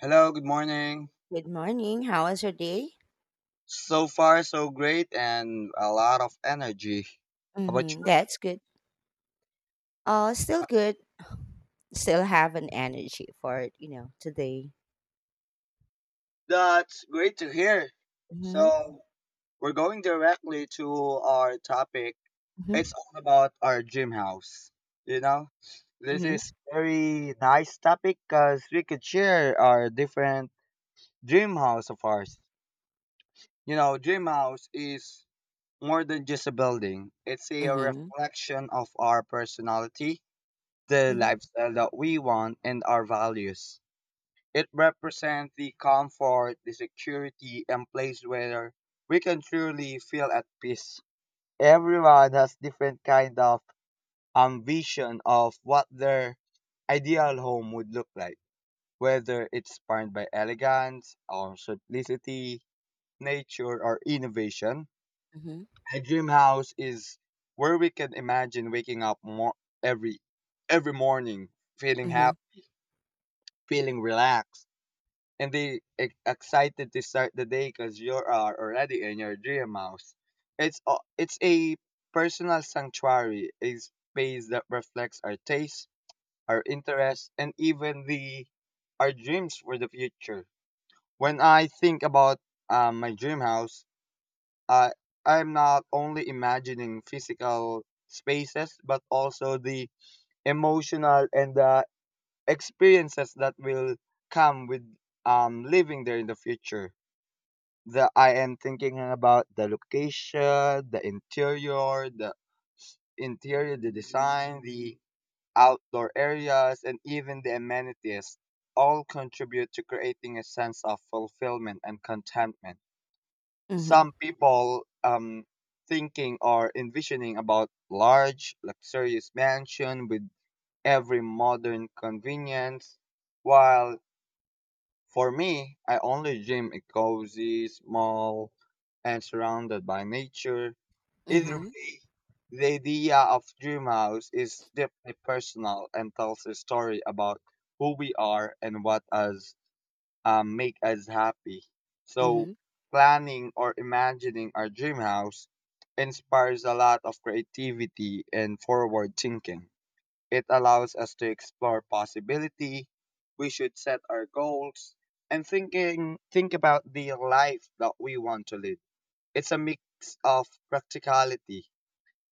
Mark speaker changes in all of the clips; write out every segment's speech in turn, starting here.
Speaker 1: Hello, good morning.
Speaker 2: Good morning. How was your day?
Speaker 1: So far, so great and a lot of energy. How about
Speaker 2: Mm-hmm.
Speaker 1: you?
Speaker 2: That's good. Still good. Still have an energy for it, you know, today.
Speaker 1: That's great to hear.
Speaker 2: Mm-hmm.
Speaker 1: So, we're going directly to our topic.
Speaker 2: Mm-hmm.
Speaker 1: It's all about our gym house. You know, this
Speaker 2: Mm-hmm.
Speaker 1: is very nice topic because we could share our different dream house of ours. You know, dream house is more than just a building. It's a
Speaker 2: Mm-hmm.
Speaker 1: reflection of our personality the
Speaker 2: Mm-hmm.
Speaker 1: lifestyle that we want and our values. It represents the comfort, the security, and place where we can truly feel at peace. Everyone has different kind of vision of what their ideal home would look like, whether it's inspired by elegance or simplicity, nature, or innovation.
Speaker 2: Mm-hmm.
Speaker 1: A dream house is where we can imagine waking up more every every morning feeling
Speaker 2: Mm-hmm.
Speaker 1: happy feeling relaxed and they excited to start the day because you are already in your dream house. It's a personal sanctuary, a space that reflects our tastes, our interests, and even the our dreams for the future. When I think about my dream house, I I'm not only imagining physical spaces but also the emotional and the experiences that will come with living there in the future. The I am thinking about the location, the interior, the interior, the design, the outdoor areas, and even the amenities all contribute to creating a sense of fulfillment and contentment.
Speaker 2: Mm-hmm.
Speaker 1: Some people thinking or envisioning about large luxurious mansion with every modern convenience while for me, I only gym a cozy, small, and surrounded by nature. Either
Speaker 2: Mm-hmm.
Speaker 1: way, the idea of dream house is deeply personal and tells a story about who we are and what us make us happy. So,
Speaker 2: Mm-hmm.
Speaker 1: planning or imagining our dream house inspires a lot of creativity and forward thinking. It allows us to explore possibility. We should set our goals and think about the life that we want to live. It's a mix of practicality,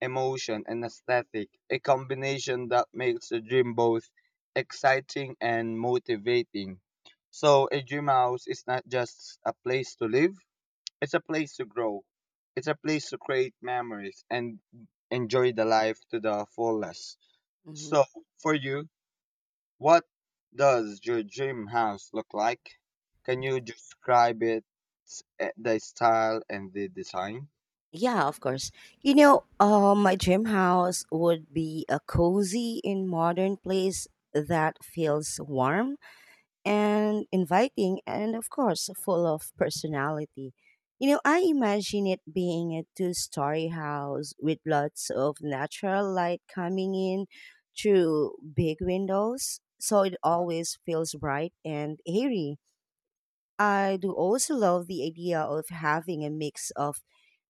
Speaker 1: emotion and aesthetic, a combination that makes the dream both exciting and motivating. So a dream house is not just a place to live, it's a place to grow. It's a place to create memories and enjoy the life to the fullest. So
Speaker 2: Mm-hmm.
Speaker 1: for you, what does your dream house look like? Can you describe it, the style and the design?
Speaker 2: Yeah, of course. My dream house would be a cozy and modern place that feels warm and inviting and of course full of personality. You know, I imagine it being a two-story house with lots of natural light coming in through big windows, so it always feels bright and airy. I do also love the idea of having a mix of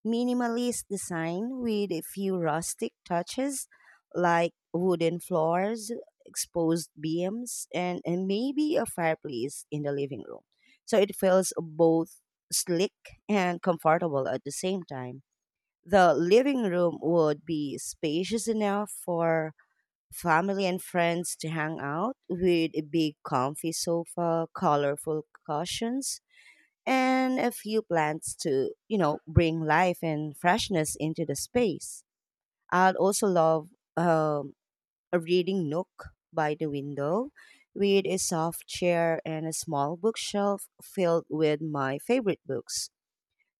Speaker 2: minimalist design with a few rustic touches like wooden floors, exposed beams, and maybe a fireplace in the living room. So it feels both slick and comfortable at the same time. The living room would be spacious enough for family and friends to hang out with a big comfy sofa, colorful cushions, and a few plants to, you know, bring life and freshness into the space. I'd also love um, a reading nook by the window with a soft chair and a small bookshelf filled with my favorite books.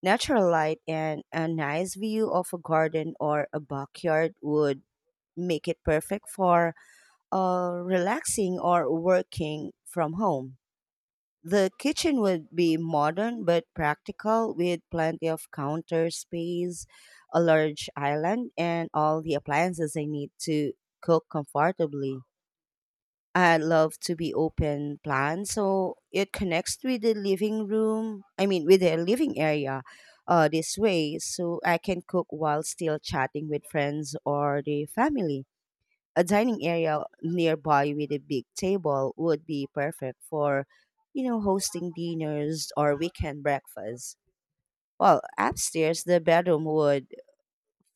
Speaker 2: Natural light and a nice view of a garden or a backyard would make it perfect for relaxing or working from home. The kitchen would be modern but practical with plenty of counter space, a large island, and all the appliances I need to cook comfortably. I'd love to be open plan so it connects with the living room, I mean, with the living area this way, so I can cook while still chatting with friends or the family. A dining area nearby with a big table would be perfect for, you know, hosting dinners or weekend breakfasts. Well, upstairs, the bedroom would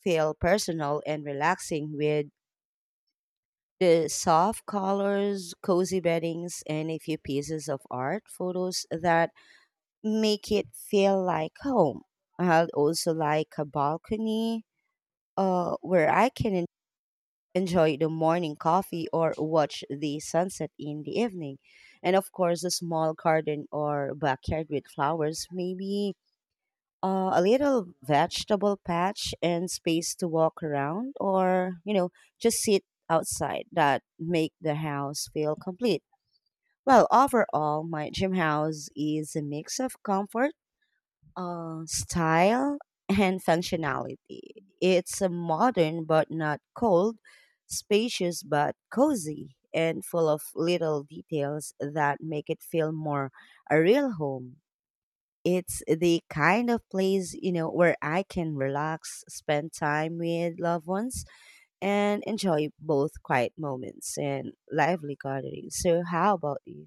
Speaker 2: feel personal and relaxing with the soft colors, cozy beddings, and a few pieces of art photos that make it feel like home. I'd also like a balcony where I can enjoy the morning coffee or watch the sunset in the evening. And of course, a small garden or backyard with flowers, maybe a little vegetable patch and space to walk around or, you know, just sit outside that make the house feel complete. Well, overall, my dream house is a mix of comfort style and functionality. It's a modern but not cold, spacious but cozy, and full of little details that make it feel more a real home. It's the kind of place, you know, where I can relax, spend time with loved ones, and enjoy both quiet moments and lively gatherings. So, how about you?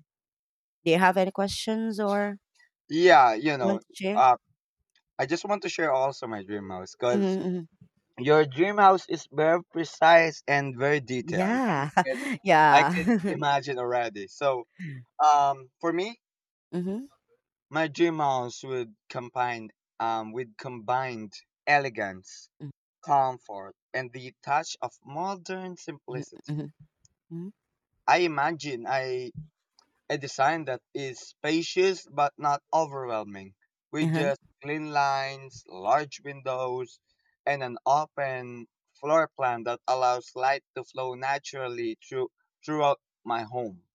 Speaker 2: Do you have any questions or
Speaker 1: Yeah, you know,
Speaker 2: want to share?
Speaker 1: uh, I just want to share also my dream house because
Speaker 2: Hmm.
Speaker 1: your dream house is very precise and very detailed.
Speaker 2: Yeah.
Speaker 1: And I could
Speaker 2: Yeah.
Speaker 1: imagine already. So, for me,
Speaker 2: Mhm.
Speaker 1: my dream house would combine, with combined elegance,
Speaker 2: Mm,
Speaker 1: comfort, and the touch of modern
Speaker 2: mhm,
Speaker 1: simplicity.
Speaker 2: mhm, mhm.
Speaker 1: I imagine I a design that is spacious but not overwhelming, with
Speaker 2: Uh-huh.
Speaker 1: just clean lines, large windows, and an open floor plan that allows light to flow naturally throughout my home.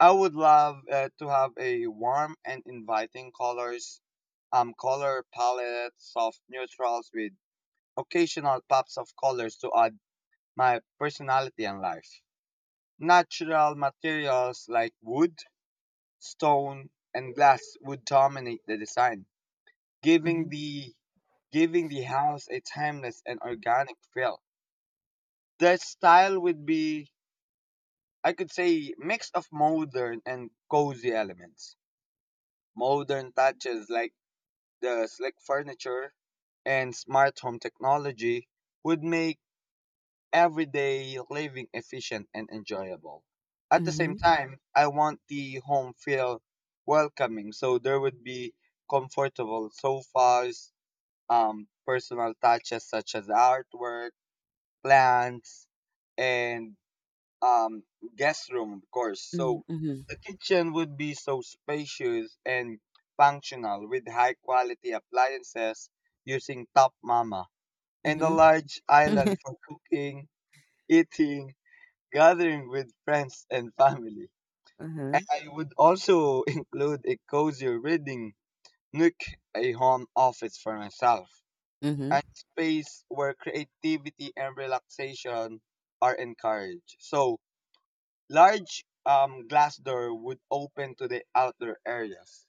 Speaker 1: I would love to have a warm and inviting colors, color palette, soft neutrals with occasional pops of colors to add my personality and life natural materials like wood stone, and glass would dominate the design, giving
Speaker 2: Mhm.
Speaker 1: the giving the house a timeless and organic feel. The style would be, I could say, mix of modern and cozy elements. Modern touches like the slick furniture and smart home technology would make everyday living efficient and enjoyable. At the same
Speaker 2: Mhm.
Speaker 1: time, I want the home feel welcoming, so there would be comfortable sofas, personal touches such as artwork, plants, and um, guest room, of course.
Speaker 2: Mm,
Speaker 1: So
Speaker 2: mhm,
Speaker 1: the kitchen would be so spacious and functional with high quality appliances using Top Mama and a
Speaker 2: mhm.
Speaker 1: large island for cooking, eating, gathering with friends and family.
Speaker 2: Uh-huh.
Speaker 1: And I would also include a cozy reading nook, a home office for myself,
Speaker 2: Mhm.
Speaker 1: and space where creativity and relaxation are encouraged. So, large glass door would open to the outdoor areas,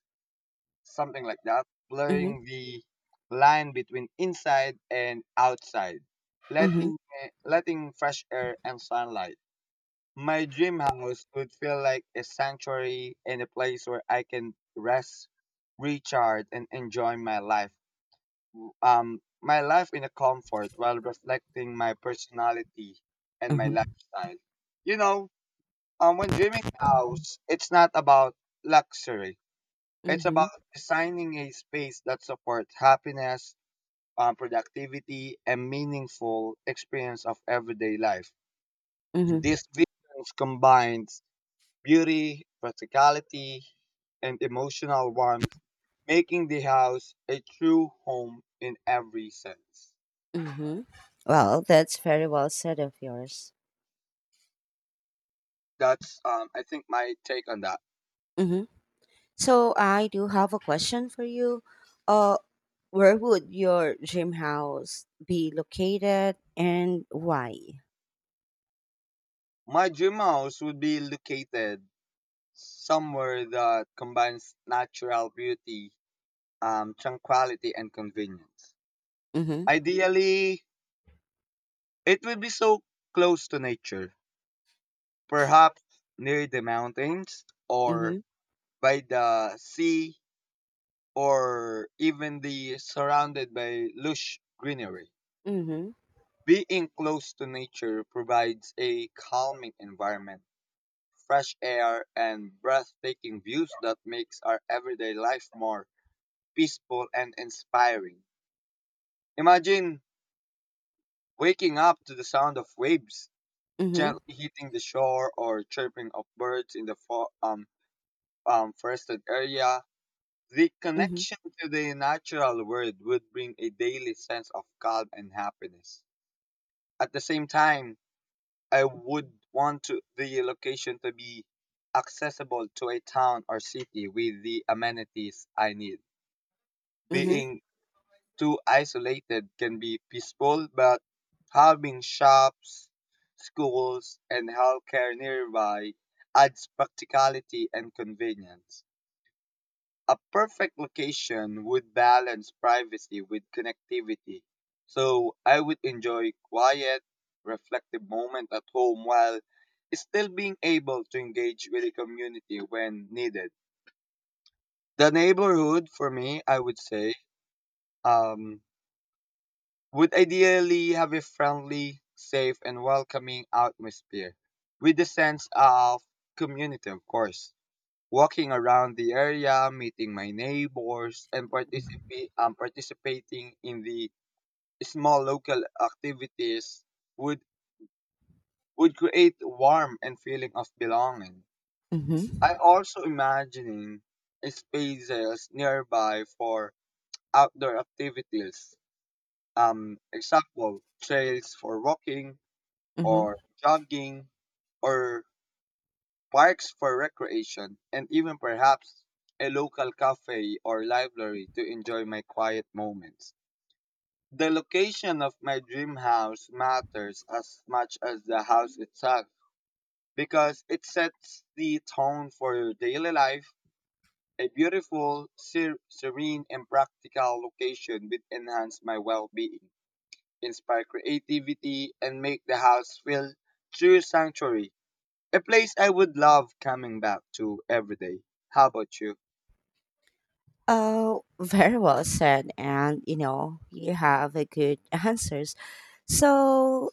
Speaker 1: something like that,
Speaker 2: Mhm.
Speaker 1: blurring the line between inside and outside,
Speaker 2: Mhm.
Speaker 1: letting, letting fresh air and sunlight My dream house would feel like a sanctuary and a place where I can rest, recharge, and enjoy my life. My life in a comfort while reflecting my personality and my
Speaker 2: Uh-huh.
Speaker 1: lifestyle. You know, when dreaming house, it's not about luxury. It's about
Speaker 2: Mhm.
Speaker 1: designing a space that supports happiness, productivity, and meaningful experience of everyday life.
Speaker 2: Mhm.
Speaker 1: These visions combines beauty, practicality, and emotional warmth, making the house a true home in every sense.
Speaker 2: Mhm. Well, that's very well said of yours.
Speaker 1: That's, I think, my take on that.
Speaker 2: Mhm. So I do have a question for you. Uh, where would your dream house be located and why?
Speaker 1: My dream house would be located somewhere that combines natural beauty, tranquility, and convenience.
Speaker 2: Mhm.
Speaker 1: Ideally, it would be so close to nature, perhaps near the mountains or
Speaker 2: Mhm.
Speaker 1: by the sea or even the surrounded by lush greenery.
Speaker 2: Mhm.
Speaker 1: Being close to nature provides a calming environment, fresh air, and breathtaking views that makes our everyday life more peaceful and inspiring. Imagine waking up to the sound of waves
Speaker 2: Mhm.
Speaker 1: gently hitting the shore or chirping of birds in the forested area. The
Speaker 2: Mhm.
Speaker 1: connection to the natural world would bring a daily sense of calm and happiness. At the same time, I would want to, the location to be accessible to a town or city with the amenities I need.
Speaker 2: Mhm.
Speaker 1: Being too isolated can be peaceful, but having shops, schools, and healthcare nearby adds practicality and convenience a perfect location would balance privacy with connectivity. So I would enjoy quiet, reflective moment at home while still being able to engage with the community when needed. The neighborhood for me, I would say, um, would ideally have a friendly, safe, and welcoming atmosphere with a sense of community, of course. Walking around the area, meeting my neighbors, and participating in the small local activities would would create warmth and feeling of belonging. I
Speaker 2: Mhm.
Speaker 1: also imagining spaces nearby for outdoor activities. Example, trails for walking or
Speaker 2: Mm-hmm.
Speaker 1: jogging or parks for recreation, and even perhaps a local cafe or library to enjoy my quiet moments. The location of my dream house matters as much as the house itself because it sets the tone for your daily life. A beautiful, serene, and practical location will enhance my well being, inspire creativity, and make the house feel true sanctuary. A place I would love coming back to every day. How about you?
Speaker 2: Oh, very well said. And you know, you have a good answers. So,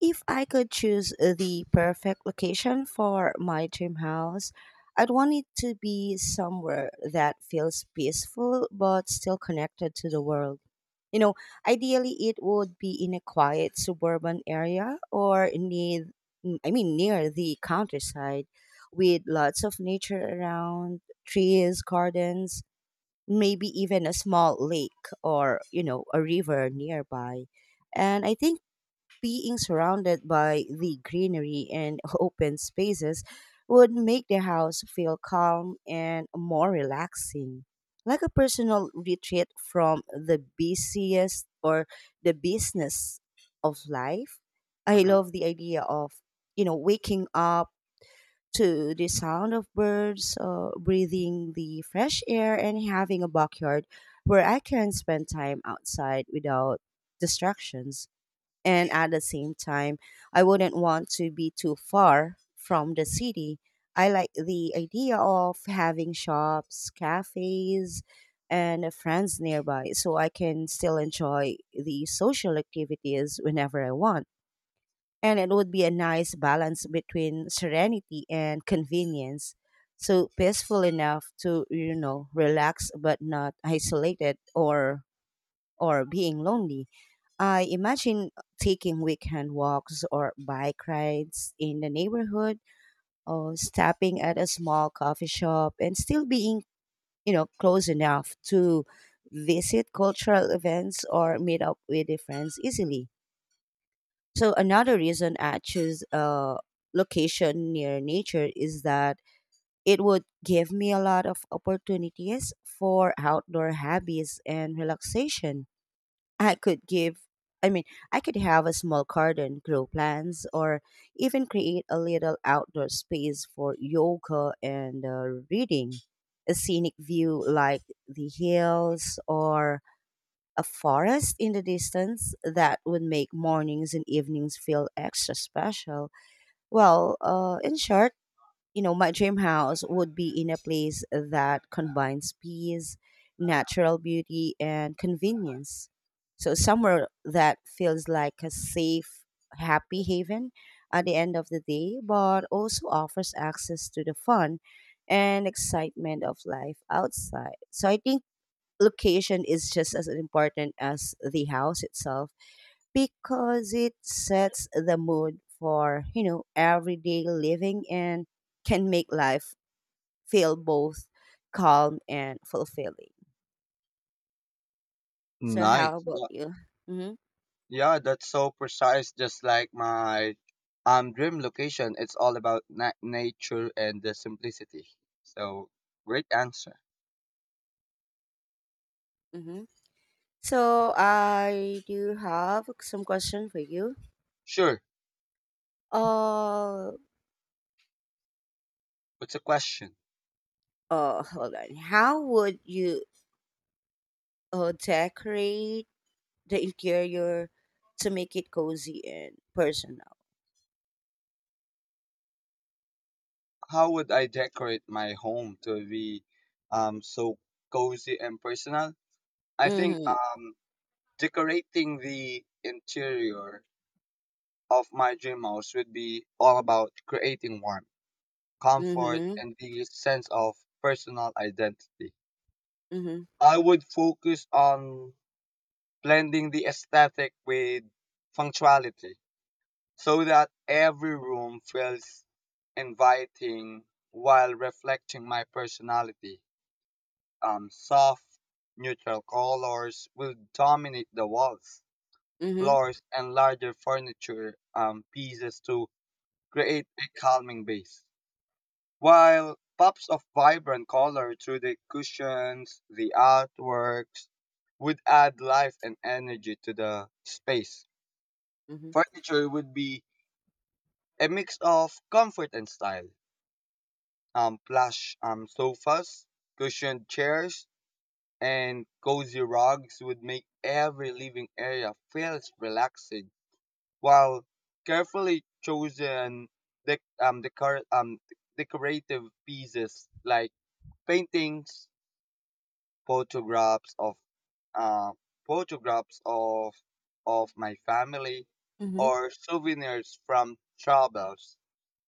Speaker 2: if I could choose the perfect location for my dream house, I'd want it to be somewhere that feels peaceful but still connected to the world. You know, ideally, it would be in a quiet suburban area or near, I mean, near the countryside with lots of nature around, trees, gardens, maybe even a small lake or, you know, a river nearby. And I think being surrounded by the greenery and open spaces would make the house feel calm and more relaxing, like a personal retreat from the busiest or the business of life. I
Speaker 1: Uh-huh.
Speaker 2: love the idea of, you know, waking up to the sound of birds, breathing the fresh air, and having a backyard where I can spend time outside without distractions. And at the same time, I wouldn't want to be too far from the city. I like the idea of having shops, cafes, and friends nearby so I can still enjoy the social activities whenever I want, and it would be a nice balance between serenity and convenience. So peaceful enough to, you know, relax, but not isolated or being lonely. I imagine taking weekend walks or bike rides in the neighborhood, or stopping at a small coffee shop and still being, you know, close enough to visit cultural events or meet up with the friends easily. So another reason I choose a location near nature is that it would give me a lot of opportunities for outdoor hobbies and relaxation. I could give I mean, I could have a small garden, grow plants, or even create a little outdoor space for yoga and reading. A scenic view like the hills or a forest in the distance, that would make mornings and evenings feel extra special. Well, in short, you know, my dream house would be in a place that combines peace, natural beauty, and convenience. So, somewhere that feels like a safe, happy haven at the end of the day, but also offers access to the fun and excitement of life outside. So, I think location is just as important as the house itself because it sets the mood for, you know, everyday living and can make life feel both calm and fulfilling. So how
Speaker 1: Nice.
Speaker 2: about
Speaker 1: Yeah,
Speaker 2: you? Hmm.
Speaker 1: yeah, that's so precise. Just like my dream location, it's all about nature and the simplicity. So great answer.
Speaker 2: Hmm. So I do have some question for you.
Speaker 1: Sure.
Speaker 2: uh
Speaker 1: What's the question?
Speaker 2: Hold on, how would you decorate the interior to make it cozy and personal?
Speaker 1: How would I decorate my home to be so cozy and personal? I think
Speaker 2: Mm-hmm.
Speaker 1: um decorating the interior of my dream house would be all about creating warmth comfort,
Speaker 2: Mhm,
Speaker 1: and the sense of personal identity.
Speaker 2: mhm,
Speaker 1: I would focus on blending the aesthetic with functionality so that every room feels inviting while reflecting my personality. Soft, neutral colors will dominate the walls,
Speaker 2: mhm,
Speaker 1: floors, and larger furniture pieces to create a calming base. While pops of vibrant color through the cushions, the artworks would add life and energy to the space.
Speaker 2: mhm,
Speaker 1: Furniture would be a mix of comfort and style. Plush sofas, cushioned chairs, and cozy rugs would make every living area feels relaxing, while carefully chosen dec- um, decor- um, decorative pieces like paintings, photographs of uh, photographs of my family
Speaker 2: mhm,
Speaker 1: or souvenirs from travels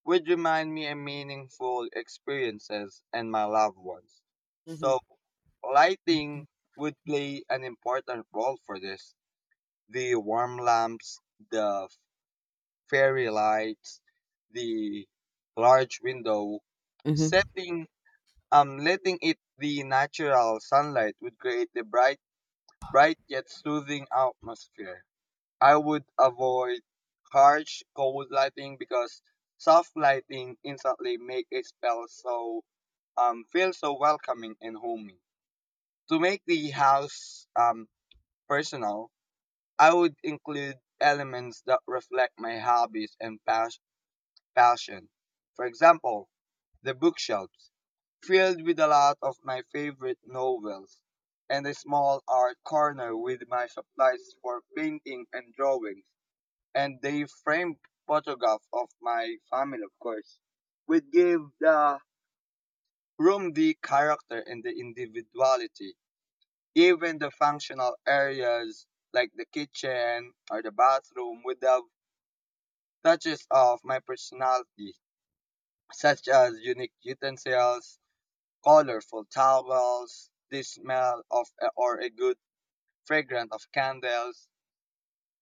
Speaker 1: which remind me of meaningful experiences and my loved ones.
Speaker 2: mhm,
Speaker 1: So
Speaker 2: mhm,
Speaker 1: lighting would play an important role for this. The warm lamps, the fairy lights, the large window,
Speaker 2: mhm,
Speaker 1: setting letting it the natural sunlight would create the bright yet soothing atmosphere. I would avoid harsh, cold lighting because soft lighting instantly make a spell so feel so welcoming and homey. To make the house personal, I would include elements that reflect my hobbies and passion. For example, the bookshelves, filled with a lot of my favorite novels, and a small art corner with my supplies for painting and drawings, and the framed photograph of my family, of course, would give the room the character and the individuality. Even the functional areas like the kitchen or the bathroom would have touches of my personality such as unique utensils, colorful towels, the smell of or a good fragrant of candles.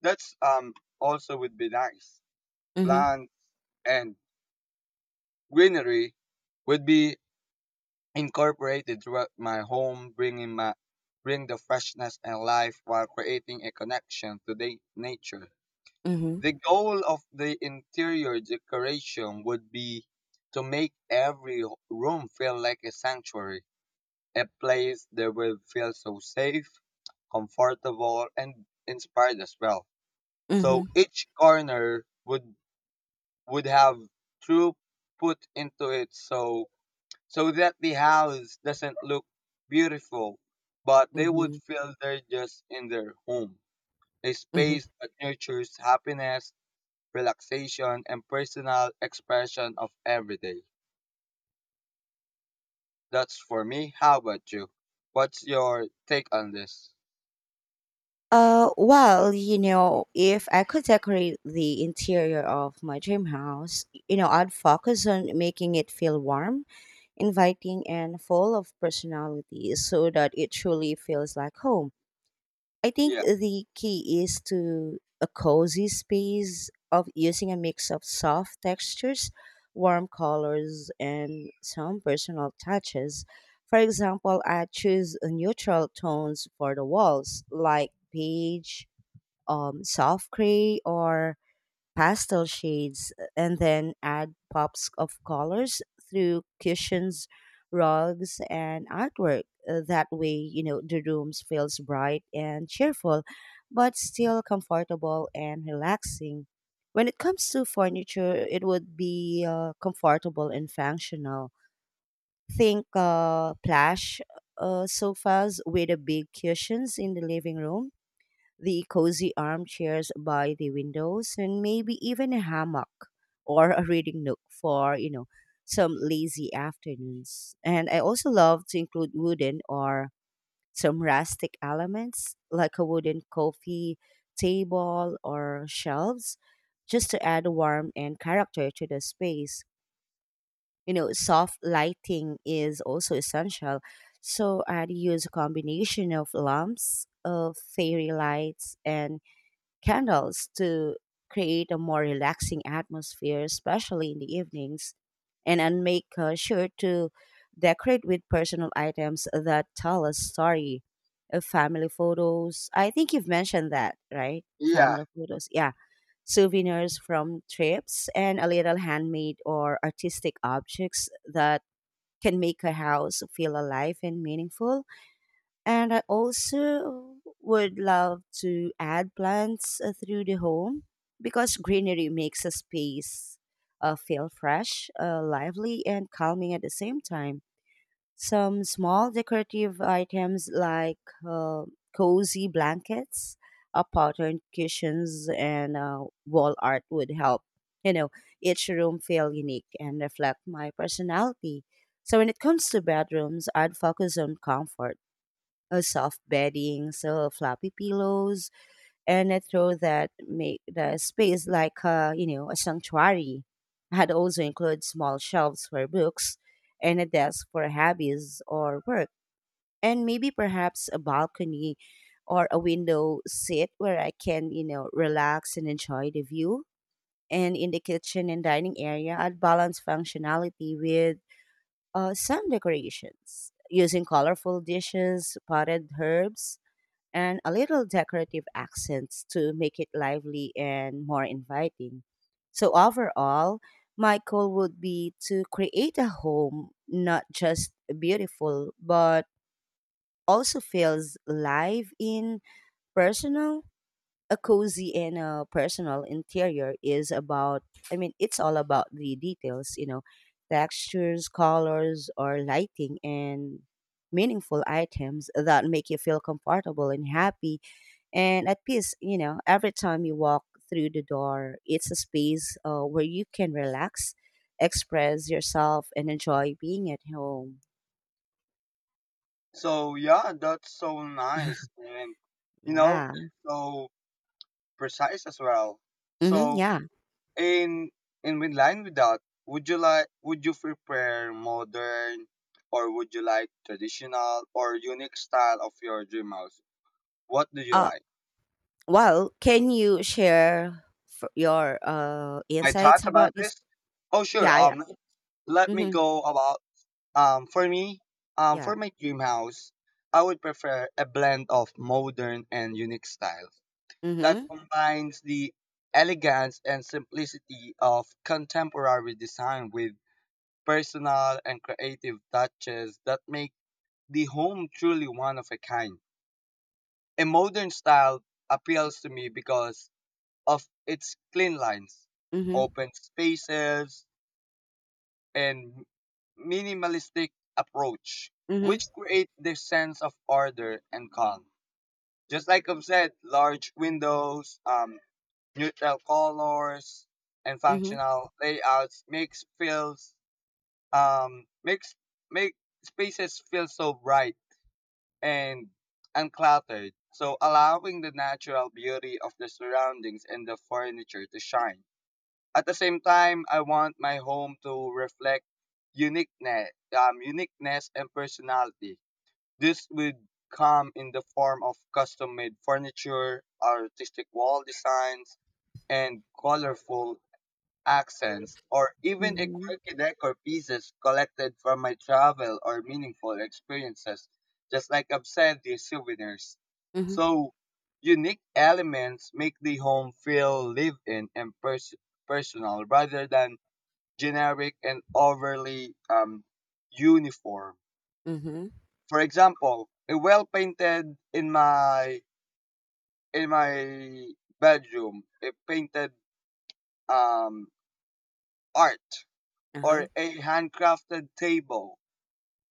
Speaker 1: That's also would be nice.
Speaker 2: mhm,
Speaker 1: Plants and greenery would be incorporated throughout my home, bring the freshness and life while creating a connection to the nature. The goal of the interior decoration would be to make every room feel like a sanctuary a place that will feel so safe, comfortable, and inspired as well. So
Speaker 2: mhm,
Speaker 1: each corner would have through put into it so so that the house doesn't look beautiful, but they would
Speaker 2: mhm,
Speaker 1: feel they're just in their home. A
Speaker 2: mhm.
Speaker 1: space that nurtures happiness, relaxation, and personal expression of every day. That's for me. How about you? What's your take on this?
Speaker 2: Well, you know, if I could decorate the interior of my dream house, you know, I'd focus on making it feel warm, inviting, and full of personality so that it truly feels like home. I think
Speaker 1: Yeah.
Speaker 2: the key is to a cozy space of using a mix of soft textures, warm colors, and some personal touches. For example, I choose a neutral tones for the walls, like beige, soft gray, or pastel shades, and then add pops of colors through cushions, rugs, and artwork. That way, you know, the rooms feels bright and cheerful, but still comfortable and relaxing. When it comes to furniture, it would be comfortable and functional. Think plush sofas with a big cushions in the living room, the cozy armchairs by the windows, and maybe even a hammock or a reading nook for, you know, some lazy afternoons. And I also love to include wooden or some rustic elements like a wooden coffee table or shelves, just to add warmth and character to the space. You know, soft lighting is also essential, so I'd use a combination of lamps, of fairy lights, and candles to create a more relaxing atmosphere, especially in the evenings. And make sure to decorate with personal items that tell a story. Family photos. I think you've mentioned that, right?
Speaker 1: Yeah,
Speaker 2: Family photos. Yeah. Souvenirs from trips and a little handmade or artistic objects that can make a house feel alive and meaningful. And I also would love to add plants through the home because greenery makes a space feel fresh, lively, and calming at the same time. Some small decorative items like uh, cozy blankets, patterned cushions, and wall art would help, you know, each room feel unique and reflect my personality. So when it comes to bedrooms, I'd focus on comfort, a soft bedding, so floppy pillows, and a throw that make the space like a, you know, a sanctuary. I had also included small shelves for books and a desk for hobbies or work, and maybe perhaps a balcony or a window seat where I can, you know, relax and enjoy the view. And in the kitchen and dining area, I'd balance functionality with some decorations using colorful dishes, potted herbs, and a little decorative accents to make it lively and more inviting. So, overall, my goal would be to create a home not just beautiful, but also feels live in, personal. A cozy and a personal interior is about, I mean, it's all about the details, you know, textures, colors, or lighting, and meaningful items that make you feel comfortable and happy and at peace, you know, every time you walk through the door. It's a space where you can relax, express yourself, and enjoy being at home.
Speaker 1: So yeah, that's so nice and you know
Speaker 2: Yeah.
Speaker 1: so precise as well.
Speaker 2: Hmm.
Speaker 1: So
Speaker 2: Yeah.
Speaker 1: in in with line with that, would you prepare modern, or would you like traditional or unique style of your dream house? What do you
Speaker 2: Uh,
Speaker 1: like?
Speaker 2: well, can you share your
Speaker 1: My
Speaker 2: insights
Speaker 1: thoughts
Speaker 2: about
Speaker 1: about
Speaker 2: this?
Speaker 1: this? Oh sure.
Speaker 2: Yeah, yeah.
Speaker 1: Let me
Speaker 2: Mm-hmm.
Speaker 1: go about, for me,
Speaker 2: Yeah.
Speaker 1: for my dream house, I would prefer a blend of modern and unique styles that
Speaker 2: Mm-hmm.
Speaker 1: combines the elegance and simplicity of contemporary design with personal and creative touches that make the home truly one of a kind. A modern style appeals to me because of its clean lines,
Speaker 2: Mm-hmm.
Speaker 1: open spaces, and minimalistic approach, which create the sense of order and calm. Just like I've said, large windows, neutral colors, and
Speaker 2: Mm-hmm.
Speaker 1: functional layouts makes feels, makes make spaces feel so bright and uncluttered, so allowing the natural beauty of the surroundings and the furniture to shine. At the same time, I want my home to reflect uniqueness, uniqueness and personality. This would come in the form of custom made furniture, artistic wall designs, and colorful accents, or even a
Speaker 2: Mm-hmm.
Speaker 1: quirky decor pieces collected from my travel or meaningful experiences, just like I've said, the souvenirs.
Speaker 2: Mm-hmm.
Speaker 1: So unique elements make the home feel lived in and personal rather than generic and overly uniform.
Speaker 2: Mm-hmm.
Speaker 1: For example, a well painted in my bedroom, a painted, um, art,
Speaker 2: Mm-hmm. Uh-huh.
Speaker 1: or a handcrafted table,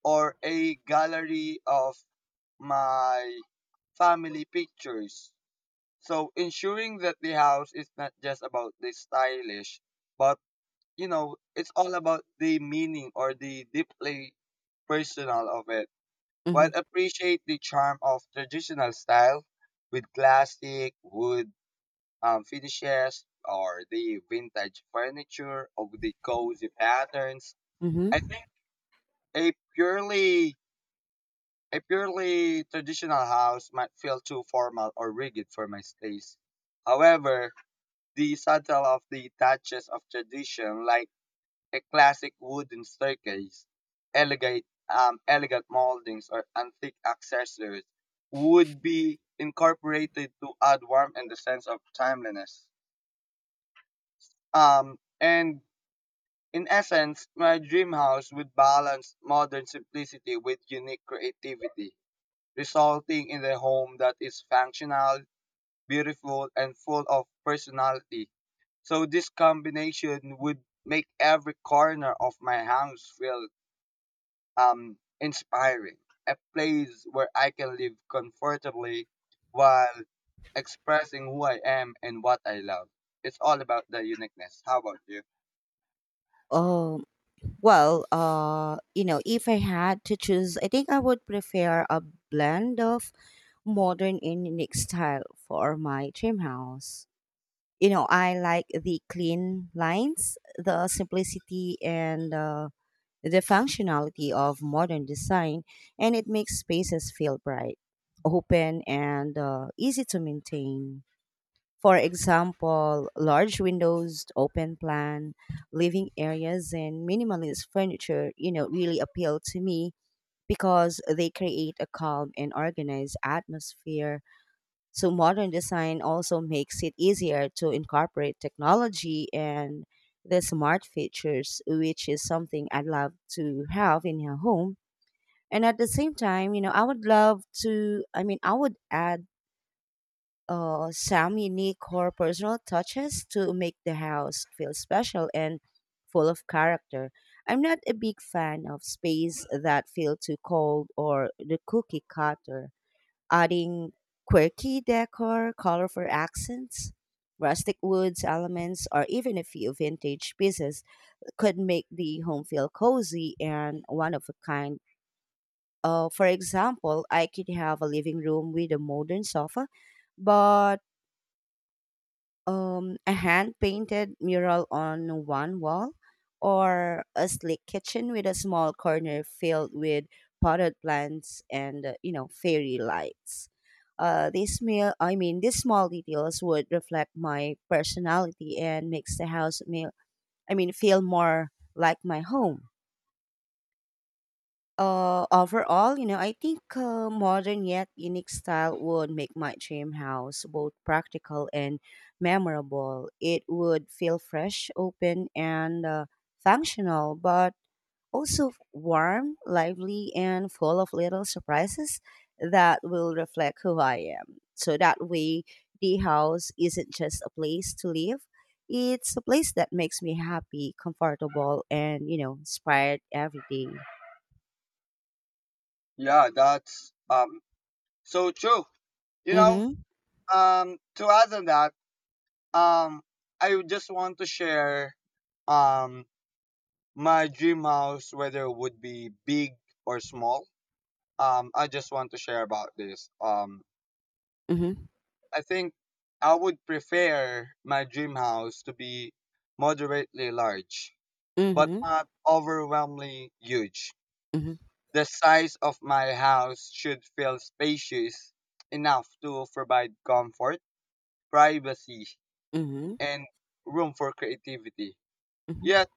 Speaker 1: or a gallery of my family pictures. So ensuring that the house is not just about the stylish, but you know, it's all about the meaning or the deeply personal of it.
Speaker 2: Mm-hmm.
Speaker 1: While appreciate the charm of traditional style with classic wood, finishes, or the vintage furniture of the cozy patterns.
Speaker 2: Mm-hmm.
Speaker 1: I think a purely a purely traditional house might feel too formal or rigid for my taste. However, the subtle of the touches of tradition, like a classic wooden staircase, elegant, elegant moldings, or antique accessories would be incorporated to add warmth and the sense of timeliness. And in essence, my dream house would balance modern simplicity with unique creativity, resulting in a home that is functional, beautiful, and full of personality. So this combination would make every corner of my house feel, inspiring, a place where I can live comfortably while expressing who I am and what I love. It's all about the uniqueness. How about you?
Speaker 2: Oh. Well, you know, if I had to choose, I think I would prefer a blend of modern and unique style for my dream house. You know, I like the clean lines, the simplicity, and the functionality of modern design, and it makes spaces feel bright, open, and easy to maintain. For example, large windows, open plan, living areas, and minimalist furniture, really appeal to me because they create a calm and organized atmosphere. So, modern design also makes it easier to incorporate technology and the smart features, which is something I'd love to have in your home. And at the same time, I would love to, I mean, I would add some unique or personal touches to make the house feel special and full of character. I'm not a big fan of space that feel too cold or the cookie cutter. Adding quirky decor, colorful accents, rustic woods elements, or even a few vintage pieces could make the home feel cozy and one of a kind. For example, I could have a living room with a modern sofa, but a hand painted mural on one wall, or a sleek kitchen with a small corner filled with potted plants and fairy lights. This meal, I mean, These small details would reflect my personality and makes the house feel more like my home overall, I think modern yet unique style would make my dream house both practical and memorable. It would feel fresh, open, and functional, but also warm, lively, and full of little surprises that will reflect who I am. So that way, the house isn't just a place to live. It's a place that makes me happy, comfortable, and inspired every day.
Speaker 1: Yeah, that's so true. You know,
Speaker 2: Mm-hmm.
Speaker 1: to add on that, um I would just want to share um my dream house, whether it would be big or small. I just want to share about this.
Speaker 2: Mhm.
Speaker 1: I think I would prefer my dream house to be moderately large, but
Speaker 2: Mhm.
Speaker 1: not overwhelmingly huge.
Speaker 2: Mhm.
Speaker 1: The size of my house should feel spacious enough to provide comfort, privacy,
Speaker 2: Mhm.
Speaker 1: and room for creativity.
Speaker 2: Mhm.
Speaker 1: Yet,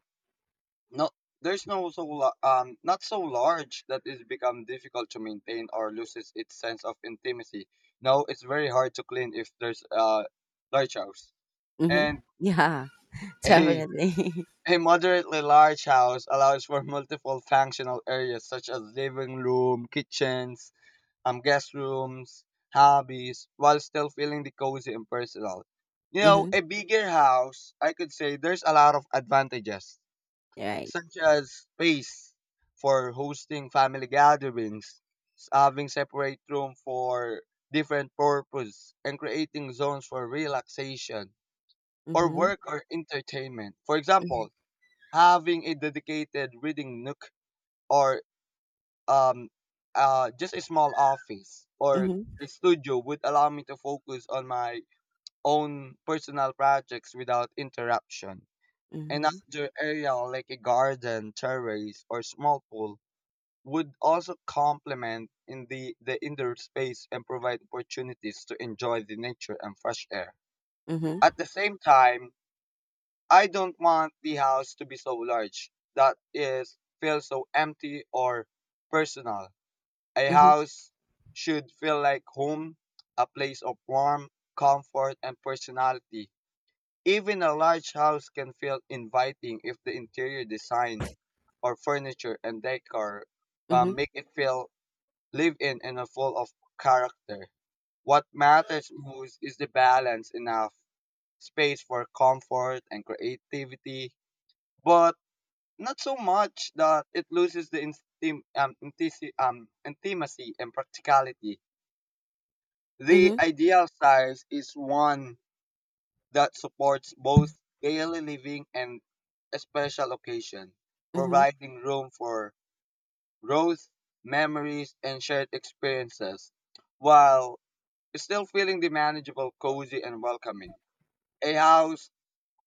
Speaker 1: no, there's not so large that it's become difficult to maintain or loses its sense of intimacy. No, it's very hard to clean if there's a large house.
Speaker 2: Mhm.
Speaker 1: And
Speaker 2: Yeah,
Speaker 1: A,
Speaker 2: definitely.
Speaker 1: a moderately large house allows for multiple functional areas such as living room, kitchens, guest rooms, hobbies, while still feeling the cozy and personal. You know,
Speaker 2: Mhm.
Speaker 1: a bigger house, I could say there's a lot of advantages,
Speaker 2: Right.
Speaker 1: such as space for hosting family gatherings, having separate room for different purpose, and creating zones for relaxation or
Speaker 2: Mhm.
Speaker 1: work or entertainment. For
Speaker 2: Mhm.
Speaker 1: example, having a dedicated reading nook or, um, just a small office or
Speaker 2: Mhm.
Speaker 1: a studio would allow me to focus on my own personal projects without interruption.
Speaker 2: Mhm.
Speaker 1: Another area like a garden, terrace, or small pool would also complement in the indoor space and provide opportunities to enjoy the nature and fresh air.
Speaker 2: Mhm.
Speaker 1: At the same time, I don't want the house to be so large that it feels so empty or personal. A
Speaker 2: Mhm.
Speaker 1: house should feel like home, a place of warmth, comfort, and personality. Even a large house can feel inviting if the interior design or furniture and decor
Speaker 2: Mhm.
Speaker 1: make it feel live in and a full of character. What matters most is the balance enough space for comfort and creativity, but not so much that it loses the intimacy and practicality. The
Speaker 2: Mhm.
Speaker 1: ideal size is one that supports both daily living and a special occasion,
Speaker 2: Mhm.
Speaker 1: providing room for growth, memories, and shared experiences, while still feeling the manageable, cozy, and welcoming. A house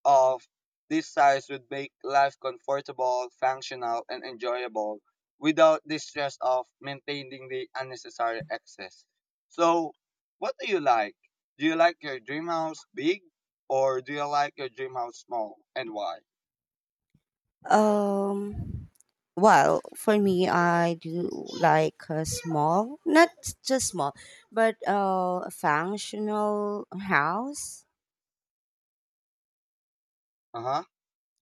Speaker 1: of this size would make life comfortable, functional, and enjoyable without the stress of maintaining the unnecessary excess. So, what do you like? Do you like your dream house big, or do you like your dream house small, and why?
Speaker 2: Um, well, for me, I do like a small, not just small, but a functional house.
Speaker 1: Uh huh.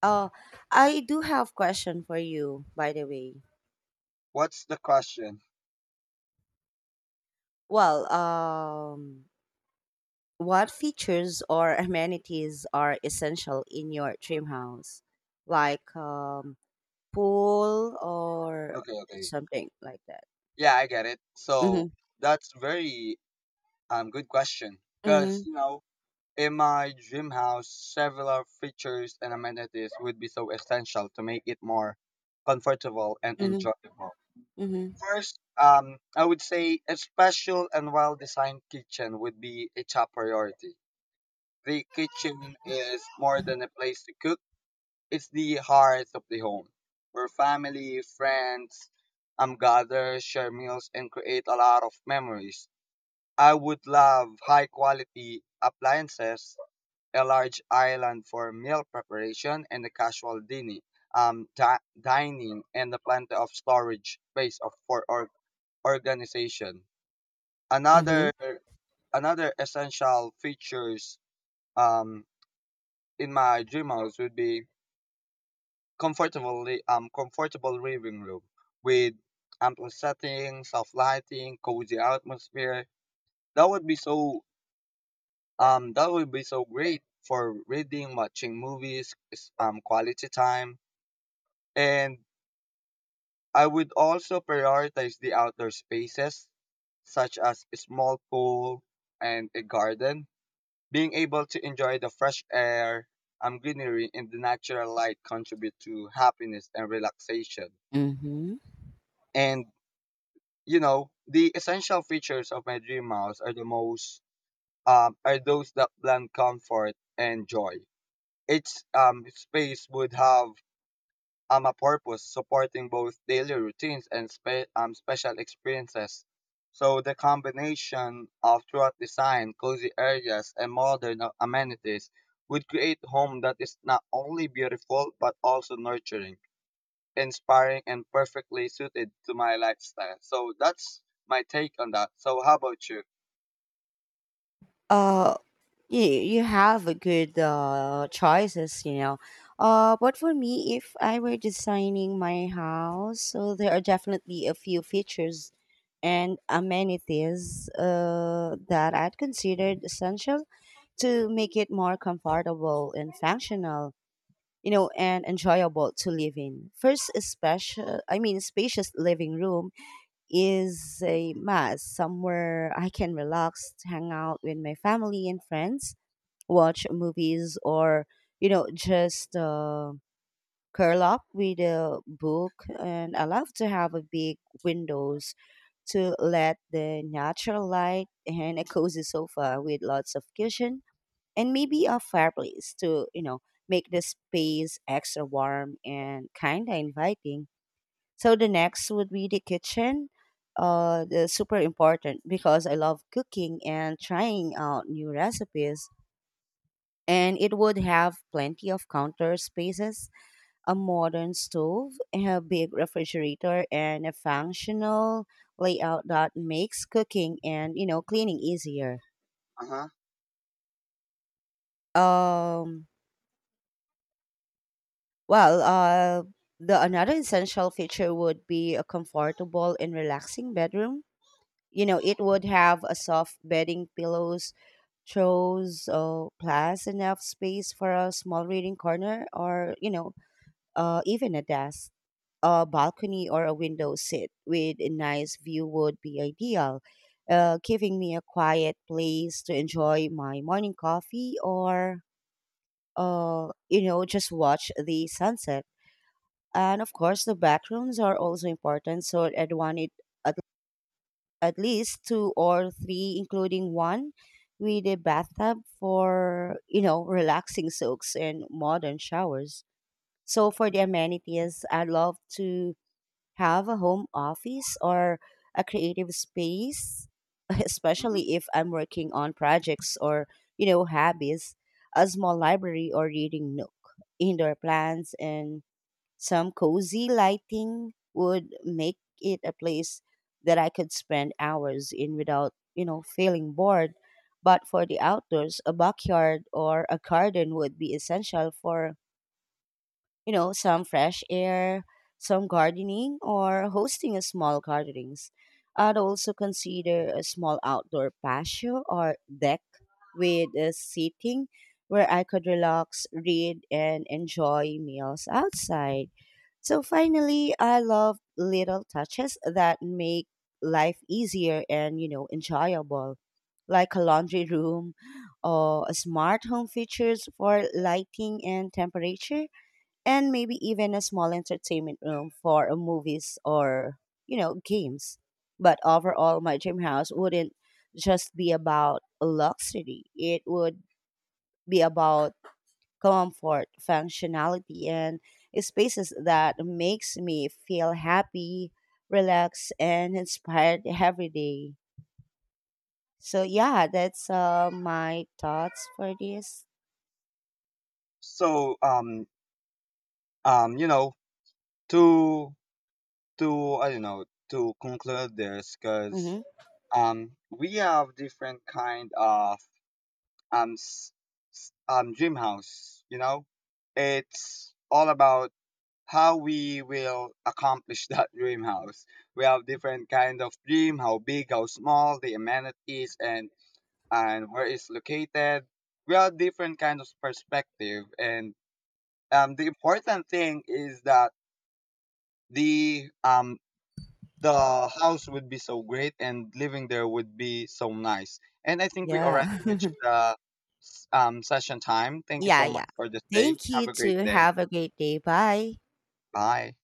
Speaker 2: Uh, I do have question for you, by the way.
Speaker 1: What's the question?
Speaker 2: Well, what features or amenities are essential in your dream house? Like pool or
Speaker 1: Okay, okay.
Speaker 2: something like that.
Speaker 1: Yeah, I get it. So
Speaker 2: Mm-hmm.
Speaker 1: that's very good question, because
Speaker 2: Mm-hmm.
Speaker 1: you know, in my dream house, several features and amenities would be so essential to make it more comfortable and
Speaker 2: Mm-hmm.
Speaker 1: enjoyable.
Speaker 2: Mm-hmm.
Speaker 1: First, I would say a special and well designed kitchen would be a top priority. The kitchen is more than a place to cook, it's the heart of the home where family, friends, gather, share meals, and create a lot of memories. I would love high quality appliances, a large island for meal preparation and a casual dining, dining, and a plenty of storage space of, for, organization.
Speaker 2: Mm-hmm.
Speaker 1: Another Another essential features, um, in my dream house would be comfortably comfortable living room with ample setting, soft lighting, cozy atmosphere. That would be so that would be so great for reading, watching movies, quality time. And I would also prioritize the outdoor spaces, such as a small pool and a garden. Being able to enjoy the fresh air, greenery, and the natural light contribute to happiness and relaxation.
Speaker 2: Mm-hmm.
Speaker 1: And you know, the essential features of my dream house are the most, are those that blend comfort and joy. Its space would have, a purpose, supporting both daily routines and special experiences. So the combination of throughout design, cozy areas, and modern amenities would create home that is not only beautiful but also nurturing, inspiring, and perfectly suited to my lifestyle. So that's my take on that. So how about you?
Speaker 2: Uh, you have a good choices, you know. But for me, if I were designing my house, so there are definitely a few features and amenities that I'd considered essential to make it more comfortable and functional, and enjoyable to live in. First, a special, I mean, spacious living room is a must, somewhere I can relax, hang out with my family and friends, watch movies, or, just curl up with a book. And I love to have a big windows to let the natural light and a cozy sofa with lots of cushion and maybe a fireplace to make the space extra warm and kind of inviting. So the next would be the kitchen. The super important because I love cooking and trying out new recipes, and it would have plenty of counter spaces, a modern stove, a big refrigerator, and a functional layout that makes cooking and cleaning easier.
Speaker 1: Uh huh.
Speaker 2: um Well, the another essential feature would be a comfortable and relaxing bedroom. You know, it would have a soft bedding, pillows, throws, plus enough space for a small reading corner, or even a desk. A balcony or a window seat with a nice view would be ideal, giving me a quiet place to enjoy my morning coffee or, just watch the sunset. And of course the bathrooms are also important, so I'd want it at, at least two or three, including one with a bathtub for relaxing soaks and modern showers. So for the amenities, I'd love to have a home office or a creative space especially if I'm working on projects or hobbies, a small library or reading nook, indoor plants, and some cozy lighting would make it a place that I could spend hours in without, feeling bored. But for the outdoors, a backyard or a garden would be essential for some fresh air, some gardening, or hosting a small gatherings. I'd also consider a small outdoor patio or deck with a seating where I could relax, read, and enjoy meals outside. So finally, I love little touches that make life easier and, enjoyable, like a laundry room or a smart home features for lighting and temperature and maybe even a small entertainment room for movies or games. But overall my dream house wouldn't just be about luxury. It would be about comfort, functionality, and spaces that makes me feel happy, relaxed, and inspired every day. So yeah, that's my thoughts for this.
Speaker 1: So you know, to I don't know, to conclude this, because
Speaker 2: Hmm.
Speaker 1: we have different kind of um s- dream house. You know, it's all about how we will accomplish that dream house. We have different kind of dream, how big, how small, the amenities, and where it's located. We have different kind of perspective, and the important thing is that the um the house would be so great and living there would be so nice. And I think we
Speaker 2: Yeah.
Speaker 1: already reached the, session time. Thank you
Speaker 2: Yeah,
Speaker 1: so much
Speaker 2: yeah,
Speaker 1: for this day.
Speaker 2: thank
Speaker 1: Have
Speaker 2: you
Speaker 1: a great
Speaker 2: to
Speaker 1: day.
Speaker 2: have a great day. Bye.
Speaker 1: Bye.